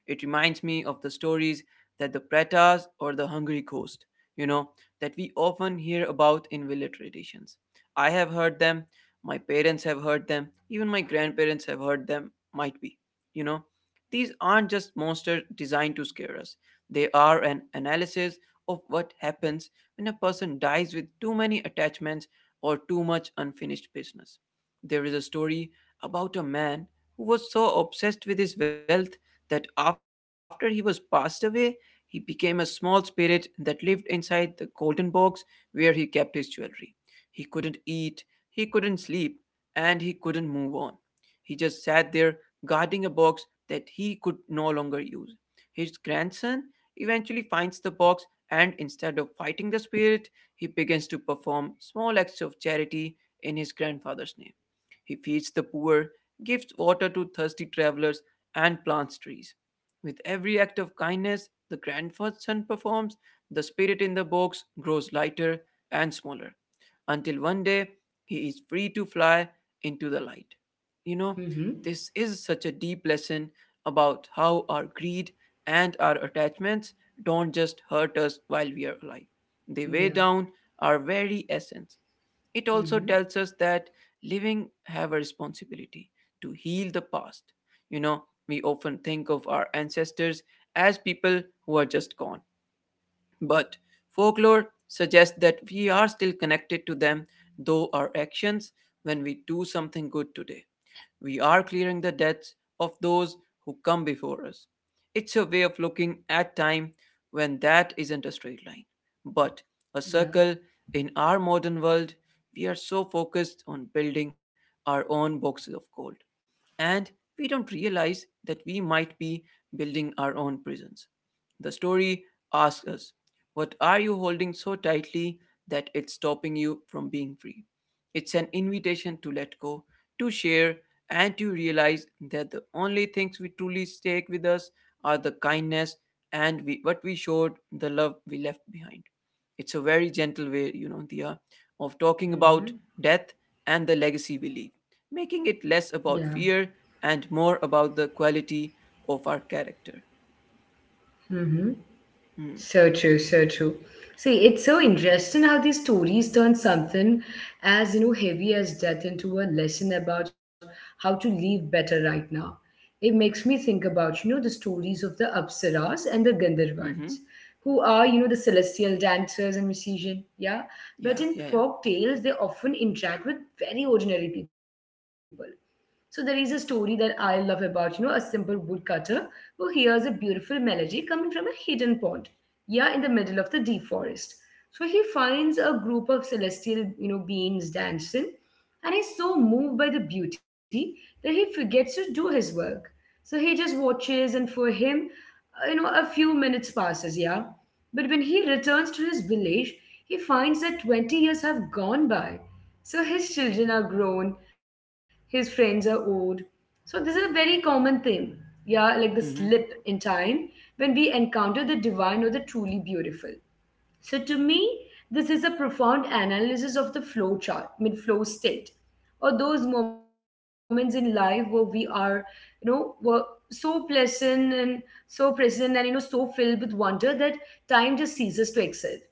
It reminds me of the stories that the Pretas or the Hungry Ghost, you know, that we often hear about in village traditions. I have heard them, my parents have heard them, even my grandparents have heard them, might be, you know. These aren't just monsters designed to scare us, they are an analysis of what happens when a person dies with too many attachments or too much unfinished business. There is a story about a man who was so obsessed with his wealth that after he was passed away, he became a small spirit that lived inside the golden box where he kept his jewelry. He couldn't eat, he couldn't sleep, and he couldn't move on. He just sat there guarding a box that he could no longer use. His grandson eventually finds the box, and instead of fighting the spirit, he begins to perform small acts of charity in his grandfather's name. He feeds the poor, gives water to thirsty travelers, and plants trees. With every act of kindness the grandson performs, the spirit in the box grows lighter and smaller, until one day he is free to fly into the light. You know, Mm-hmm. this is such a deep lesson about how our greed and our attachments don't just hurt us while we are alive, they weigh Yeah, down our very essence. It also Ujú. tells us that living have a responsibility to heal the past. You know, we often think of our ancestors as people who are just gone. But folklore suggests that we are still connected to them, though our actions when we do something good today. We are clearing the debts of those who come before us. It's a way of looking at time when that isn't a straight line, but a Ya. circle. In our modern world, we are so focused on building our own boxes of gold, and we don't realize that we might be building our own prisons. The story asks us, what are you holding so tightly that it's stopping you from being free? It's an invitation to let go, to share, and you realize that the only things we truly take with us are the kindness and we, what we showed, the love we left behind. It's a very gentle way, you know, Dia, of talking about Ujú. death and the legacy we leave, making it Ya. less about fear and more about the quality of our character. Ujú. So true, Mm. so true. See, it's so interesting how these stories turn something as heavy as death into a lesson about how to live better right now. It makes me think about the stories of the Apsaras and the Gandharvans, Mm-hmm. who are the celestial dancers and musicians. Yeah, but in Yeah, yeah, folk yeah. tales they often interact with very ordinary people. So there is a story that I love about a simple woodcutter who hears a beautiful melody coming from a hidden pond, yeah, in the middle of the deep forest. So he finds a group of celestial beings dancing, and he's so moved by the beauty that he forgets to do his work. So he just watches, and for him, a few minutes passes, yeah. But when he returns to his village, he finds that 20 years have gone by. So his children are grown, his friends are old. So this is a very common thing, yeah, like the slip in Mm-hmm. time when we encounter the divine or the truly beautiful. So to me, this is a profound analysis of the I mean flow state, or those moments in life where we were so pleasant and so present and so filled with wonder that time just ceases to exist.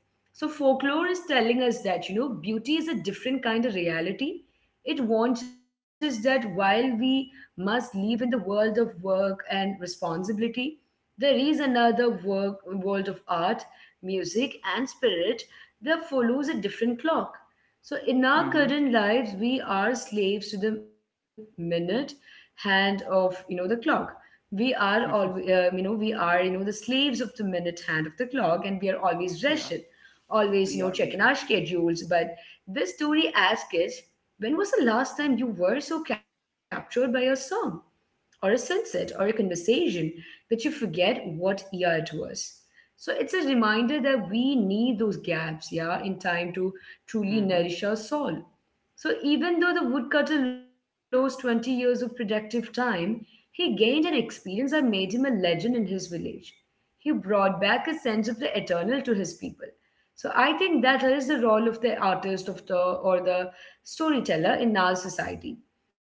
So folklore is telling us that, beauty is a different kind of reality. It warns us that while we must live in the world of work and responsibility, there is another world of art, music, and spirit that follows a different clock. So, in our current Mm-hmm. lives, we are slaves to the minute hand of the clock. We are all, you know we are you know the slaves of the minute hand of the clock, and we are always (laughs) rushing, Yeah, always we checking are, our we are. schedules. But this story asks is, when was the last time you were so captured by your song, or a sunset or a conversation, but you forget what year it was? So it's a reminder that we need those gaps, yeah, in time to truly nourish Mm-hmm. our soul. So even though the woodcutter lost 20 years of productive time, he gained an experience that made him a legend in his village. He brought back a sense of the eternal to his people. So I think that is the role of the artist of the or the storyteller in our society.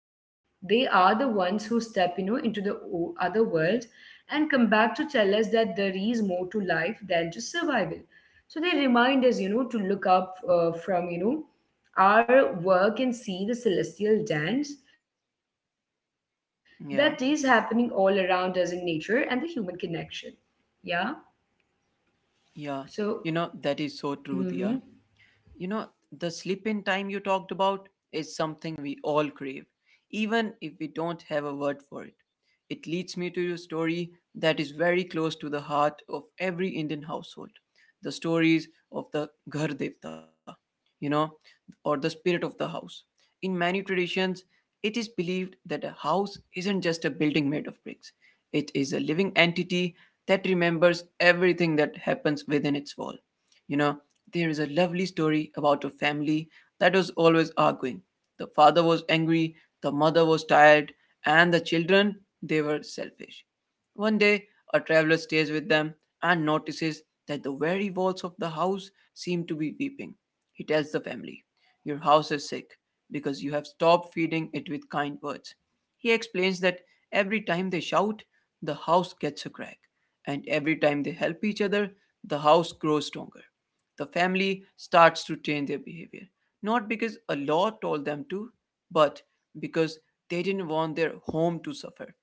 They are the ones who step, into the other world and come back to tell us that there is more to life than just survival. So they remind us, to look up from our work and see the celestial dance that is happening all Yeah, around us in nature and the human connection. Yeah. So. yeah. You know, that Mm-hmm. is so true, Dia. You know, the sleep in time you talked about is something we all crave, even if we don't have a word for it. It leads me to a story that is very close to the heart of every Indian household, the stories of the Ghar Devta, you know, or the spirit of the house. In many traditions, it is believed that a house isn't just a building made of bricks, it is a living entity that remembers everything that happens within its wall. You know, there is a lovely story about a family that was always arguing. The father was angry, the mother was tired, and the children, they were selfish. One day, a traveler stays with them and notices that the very walls of the house seem to be weeping. He tells the family, your house is sick because you have stopped feeding it with kind words. He explains that every time they shout, the house gets a crack, and every time they help each other, the house grows stronger. The family starts to change their behavior, not because a law told them to, but because they didn't want their home to suffer.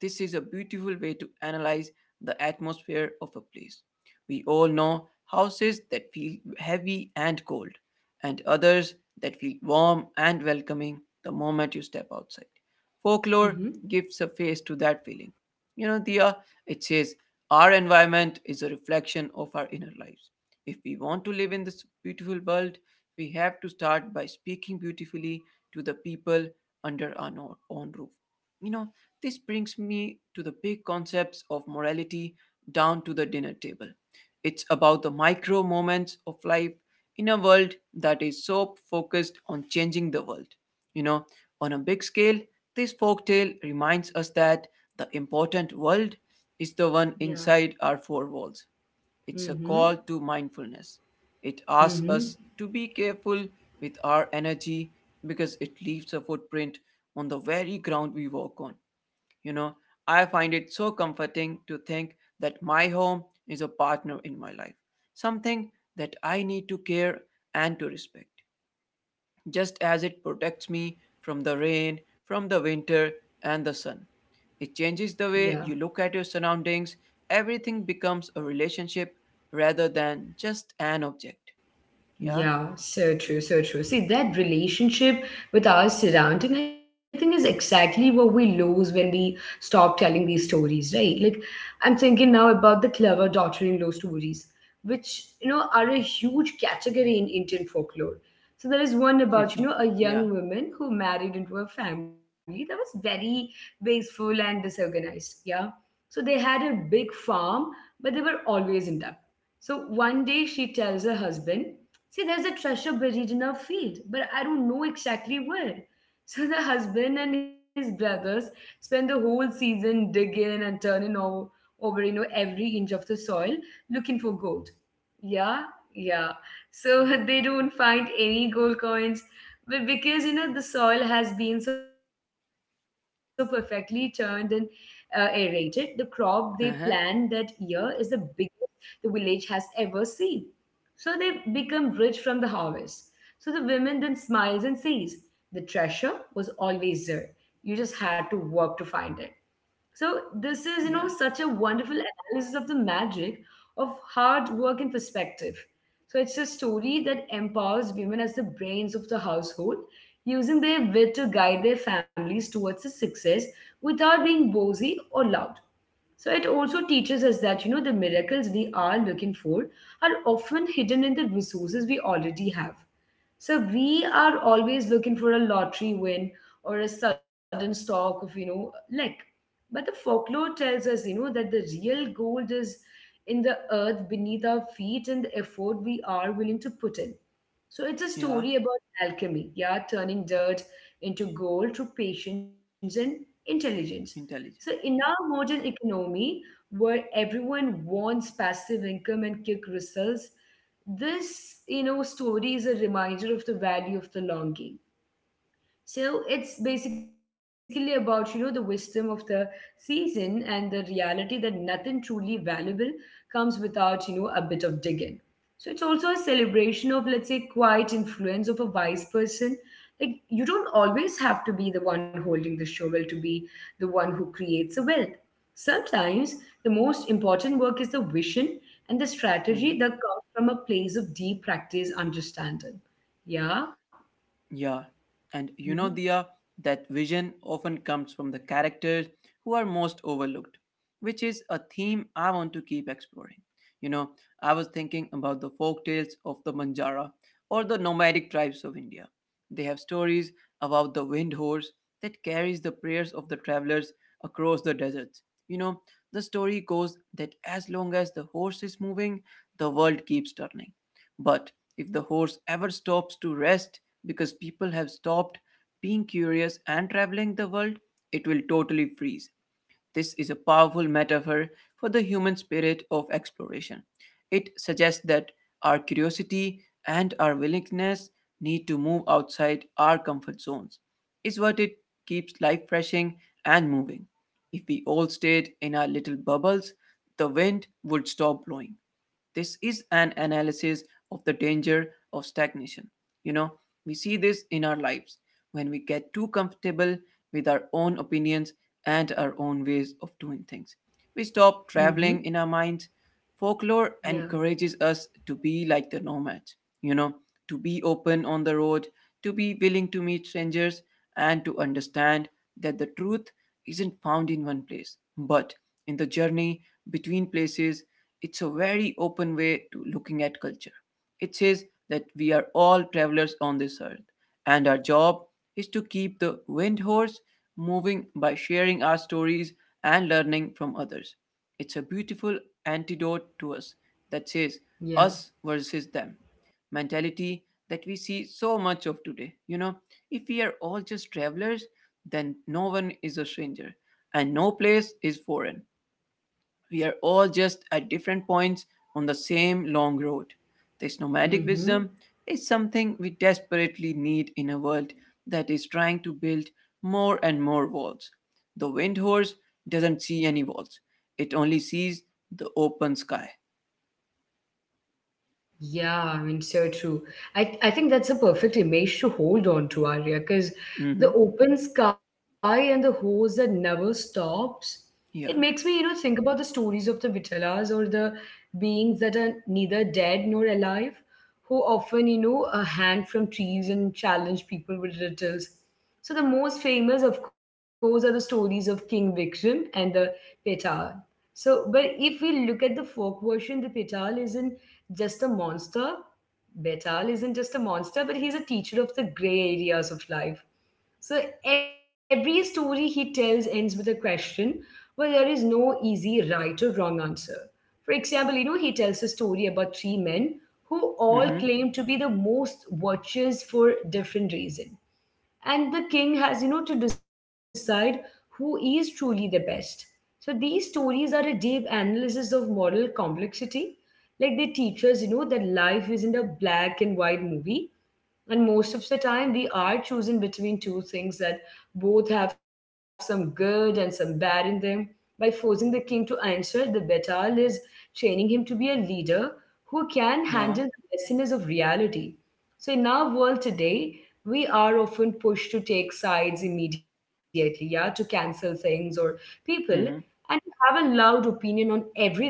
This is a beautiful way to analyze the atmosphere of a place. We all know houses that feel heavy and cold, and others that feel warm and welcoming the moment you step outside. Folklore Mm-hmm. gives a face to that feeling. You know, Dia, it says, our environment is a reflection of our inner lives. If we want to live in this beautiful world, we have to start by speaking beautifully to the people under our own roof. You know, this brings me to the big concepts of morality down to the dinner table. It's about the micro moments of life in a world that is so focused on changing the world. You know, on a big scale, this folktale reminds us that the important world is the one Yeah. inside our four walls. It's a call Mm-hmm. to mindfulness. It asks Mm-hmm. us to be careful with our energy because it leaves a footprint on the very ground we walk on. You know, I find it so comforting to think that my home is a partner in my life, something that I need to care and to respect, just as it protects me from the rain, from the winter, and the sun. It changes Yeah. the way you look at your surroundings. Everything becomes a relationship rather than just an object. Yeah? Yeah, so true, so true. See, that relationship with our surrounding, I think, is exactly what we lose when we stop telling these stories, right? Like, I'm thinking now about the clever daughter in law stories, which, are a huge category in Indian folklore. So there is one about, a (laughs) young Yeah. woman who married into a family that was very wasteful and disorganized. Yeah. So they had a big farm, but they were always in debt. So one day she tells her husband, "See, there's a treasure buried in our field, but I don't know exactly where." (laughs) So the husband and his brothers spend the whole season digging and turning over every inch of the soil looking for gold. Yeah, yeah. So (laughs) they don't find any gold coins. Because you know the soil has been so perfectly turned and aerated, the crop they plant that year is the Uh huh. biggest the village has ever seen, so they become rich from the harvest. So the woman then smiles and says, the treasure was always there, you just had to work to find it. So this is, you know, such a Yeah. wonderful analysis of the magic of hard work and perspective. So it's a story that empowers women as the brains of the household, using their wit to guide their families towards the success without being bossy or loud. So it also teaches us that you know the miracles we are looking for are often hidden in the resources we already have. So we are always looking for a lottery win or a sudden stock of you know luck. But the folklore tells us, you know, that the real gold is in the earth beneath our feet and the effort we are willing to put in. So it's a Yeah. story about alchemy, yeah, turning dirt into gold through patience and intelligence. So Intelligent. in Yeah. our modern economy, where everyone wants passive income and quick results, this you know story is a reminder of the value of the longing. So it's basically about, you know, the wisdom of the season and the reality that nothing truly valuable comes without, you know, a bit of digging. So it's also a celebration of, let's say, quiet influence of a wise person. Like, you don't always have to be the one holding the shovel to be the one who creates the wealth. Sometimes the most important work is the vision and the Mhm. strategy that comes from a place of deep practice understanding. Yeah. Yeah, and you Mm-hmm. know, Dia, that vision often comes from the characters who are most overlooked, which is a theme I want to keep exploring. You know, I was thinking about the folk tales of the Manjara or the nomadic tribes of India. They have stories about the wind horse that carries the prayers of the travelers across the deserts. You know, the story goes that as long as the horse is moving, the world keeps turning. But if the horse ever stops to rest because people have stopped being curious and traveling the world, it will totally freeze. This is a powerful metaphor for the human spirit of exploration. It suggests that our curiosity and our willingness need to move outside our comfort zones, is what it keeps life refreshing and moving. If we all stayed in our little bubbles, the wind would stop blowing. This is an analysis of the danger of stagnation. You know, we see this in our lives when we get too comfortable with our own opinions and our own ways of doing things. We stop traveling Mm-hmm. in our minds. Folklore Yeah. encourages us to be like the nomads, you know, to be open on the road, to be willing to meet strangers, and to understand that the truth isn't found in one place, but in the journey between places. It's a very open way to looking at culture. It says that we are all travelers on this earth, and our job is to keep the windhorse moving by sharing our stories and learning from others. It's a beautiful antidote to us that says Yeah. us versus them mentality that we see so much of today. You know, if we are all just travelers, then no one is a stranger and no place is foreign. We are all just at different points on the same long road. This nomadic Hmm. wisdom is something we desperately need in a world that is trying to build more and more walls. The wind horse doesn't see any walls, it only sees the open sky. Yeah, I mean, so true. I think that's a perfect image to hold on to, Arya, because Mm-hmm. the open sky and the hose that never stops, it makes Yeah. me, you know, think about the stories of the Vitalas or the beings that are neither dead nor alive, who often, you know, hang from trees and challenge people with riddles. So the most famous, of course, are the stories of King Vikram and the Petal. So, but if we look at the folk version, the Petal isn't just a monster. Betal isn't just a monster, but he's a teacher of the gray areas of life. So every story he tells ends with a question where there is no easy right or wrong answer. For example, you know, he tells a story about three men who all Mm-hmm. claim to be the most virtuous for different reasons, and the king has you know to decide who is truly the best. So these stories are a deep analysis of moral complexity. Like, they teach us you know that life isn't a black and white movie, and most of the time, we are choosing between two things that both have some good and some bad in them. By forcing the king to answer, the Betal is training him to be a leader who can handle Yeah. the messiness of reality. So, in our world today, we are often pushed to take sides immediately, yeah, to cancel things or people, Mm-hmm. and have a loud opinion on everything.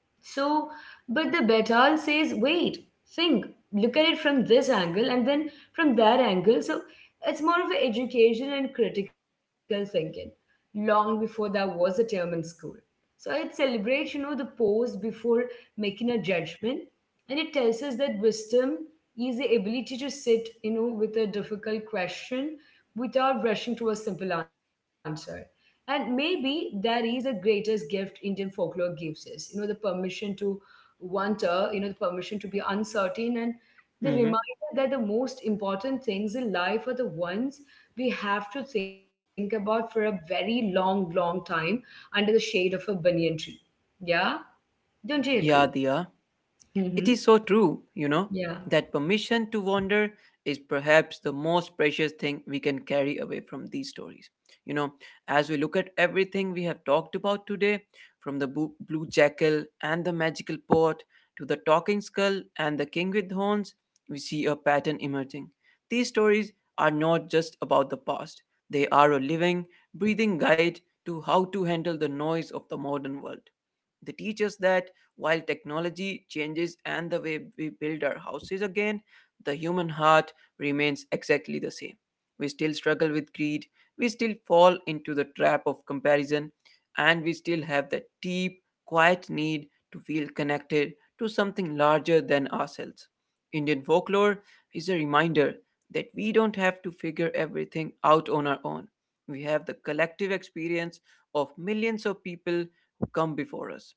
So, but the Betal says, wait, think, look at it from this angle and then from that angle. So, it's more of an education and critical thinking, long before there was a term in school. So, it celebrates, you know, the pause before making a judgment. And it tells us that wisdom is the ability to sit, you know, with a difficult question without rushing to a simple answer. And maybe that is the greatest gift Indian folklore gives us. You know, the permission to wonder, you know, the permission to be uncertain, and the reminder Mm-hmm. that the most important things in life are the ones we have to think about for a very long, long time under the shade of a banyan tree. Yeah? Don't Yeah, you Dia. agree? It is so Mm hmm. true, you know, that Yeah. permission to wander is perhaps the most precious thing we can carry away from these stories. You know, as we look at everything we have talked about today, from the blue jackal and the magical pot to the talking skull and the king with horns, we see a pattern emerging. These stories are not just about the past, they are a living, breathing guide to how to handle the noise of the modern world. They teach us that while technology changes and the way we build our houses again, the human heart remains exactly the same. We still struggle with greed, we still fall into the trap of comparison, and we still have that deep, quiet need to feel connected to something larger than ourselves. Indian folklore is a reminder that we don't have to figure everything out on our own. We have the collective experience of millions of people who come before us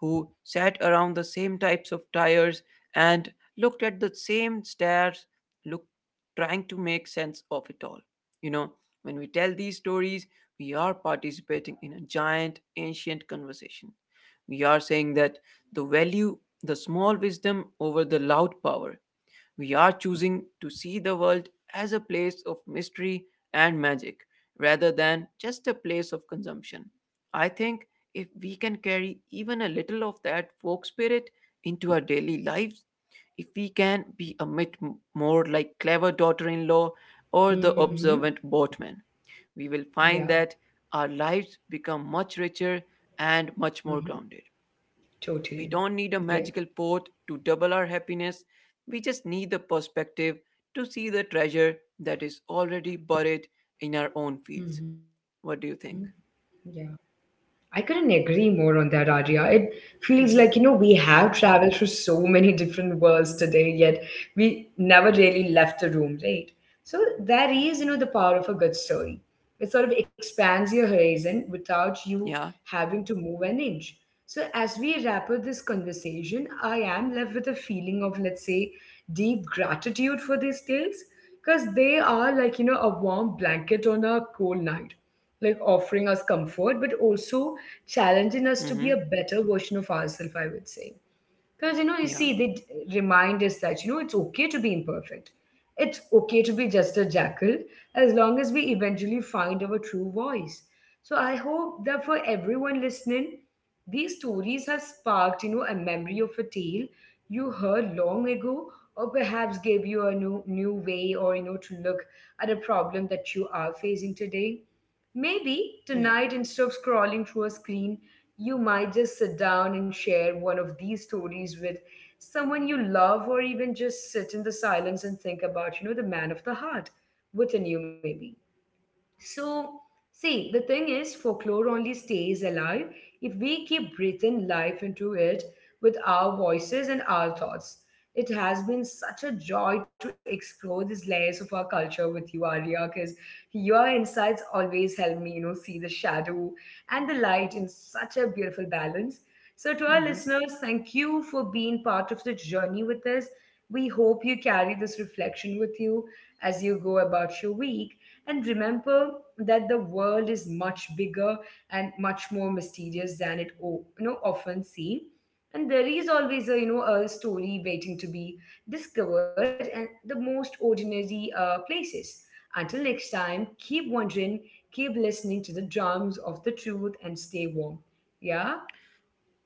who sat around the same types of tires and looked at the same stairs, look, trying to make sense of it all. You know, when we tell these stories, we are participating in a giant, ancient conversation. We are saying that the value, the small wisdom over the loud power, we are choosing to see the world as a place of mystery and magic rather than just a place of consumption. I think if we can carry even a little of that folk spirit into our daily lives, if we can be a bit more like clever daughter in law or the Mm observant hmm. boatman, we will find Yeah. that our lives become much richer and much more grounded. We don't need Totally. a magical Yeah. pot to double our happiness. We just need the perspective to see the treasure that is already buried in our own fields. What do you think? Yeah. I couldn't agree more on that, Arya. It feels like, you know, Hmm. we have traveled through so (laughs) many different worlds today, yet we never really left the room, right? So that is, you know, the power of a good story. It sort of expands your horizon without you Yeah. having to move an inch. So as we wrap up this conversation, I am left with a feeling of, let's say, deep gratitude for these tales, because they are like, you know, a warm blanket on a cold night, like offering us comfort, but also challenging us to be a Hmm. better version of ourselves, I would say. Because, you know, you Yeah. see, remind us that, you know, it's okay to be imperfect. It's okay to be just a jackal as long as we eventually find our true voice. So I hope that for everyone listening, these stories have sparked, you know, a memory of a tale you heard long ago, or perhaps gave you a new way or, you know, to look at a problem that you are facing today. Maybe Yeah. tonight, instead of scrolling through a screen, you might just sit down and share one of these stories with someone you love, or even just sit in the silence and think about, you know, the man of the heart with a new maybe. So, see, the thing is, folklore only stays alive if we keep breathing life into it with our voices and our thoughts. It has been such a joy to explore these layers of our culture with you, Arya, because your insights always help me, you know, see the shadow and the light in such a beautiful balance. So, to our Hmm. listeners, thank you for being part of the journey with us. We hope you carry this reflection with you as you go about your week, and remember that the world is much bigger and much more mysterious than you know often seems, and there is always a you know a story waiting to be discovered and the most ordinary places. Until next time, keep wondering, keep listening to the drums of the truth, and stay warm. Yeah.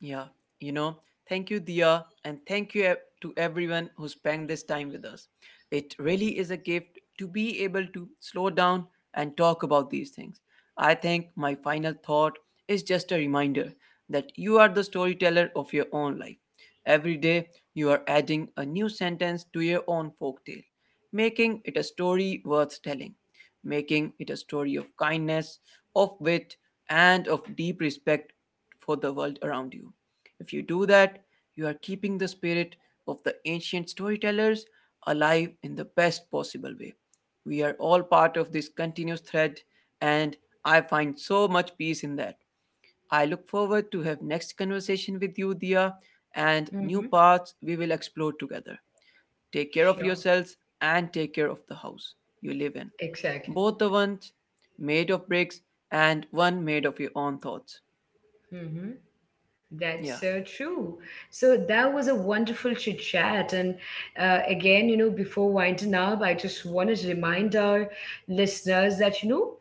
Yeah, you know, thank you, Dia, and thank you to everyone who spent this time with us. It really is a gift to be able to slow down and talk about these things. I think my final thought is just a reminder that you are the storyteller of your own life. Every day, you are adding a new sentence to your own folktale, making it a story worth telling, making it a story of kindness, of wit, and of deep respect for the world around you. If you do that, you are keeping the spirit of the ancient storytellers alive in the best possible way. We are all part of this continuous thread, and I find so much peace in that. I look forward to have next conversation with you, Dia, and new Mm-hmm. paths we will explore together. Take care of Sure. yourselves and take care of the house you live in. Exactly. Both the ones made of bricks and one made of your own thoughts. Hmm. That's Yeah, so true. So that was a wonderful chit chat. And again, you know, before winding up, I just wanted to remind our listeners that, you know,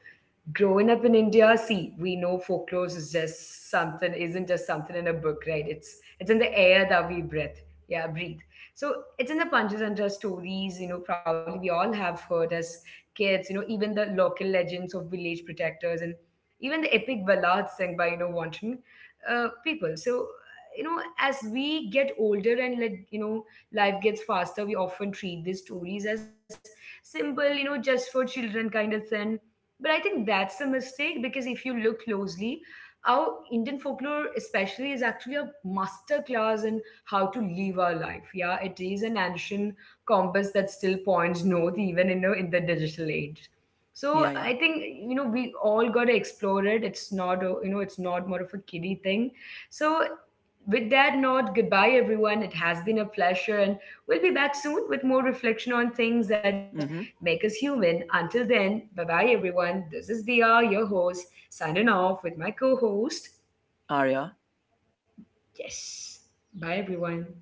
growing up in India, see, we know folklore is just something, isn't just something in a book, right? It's in the air that we breathe. Yeah, breathe. So it's in the Panchatantra stories, you know, probably we all have heard as kids, you know, even the local legends of village protectors, and even the epic ballads sung by, you know, wanton people. So you know as we get older and let you know life gets faster, we often treat these stories as simple you know just for children kind of thing. But I think that's a mistake, because if you look closely, our Indian folklore especially is actually a master class in how to live our life. Yeah, it is an ancient compass that still points north even you know in the digital age. So yeah, I yeah. think you know we all got to explore it. It's not a, you know it's not more of a kiddie thing. So, with that note, goodbye everyone. It has been a pleasure, and we'll be back soon with more reflection on things that Mm-hmm. make us human. Until then, bye bye everyone. This is Dia, your host, signing off with my co-host. Arya. Yes, bye everyone.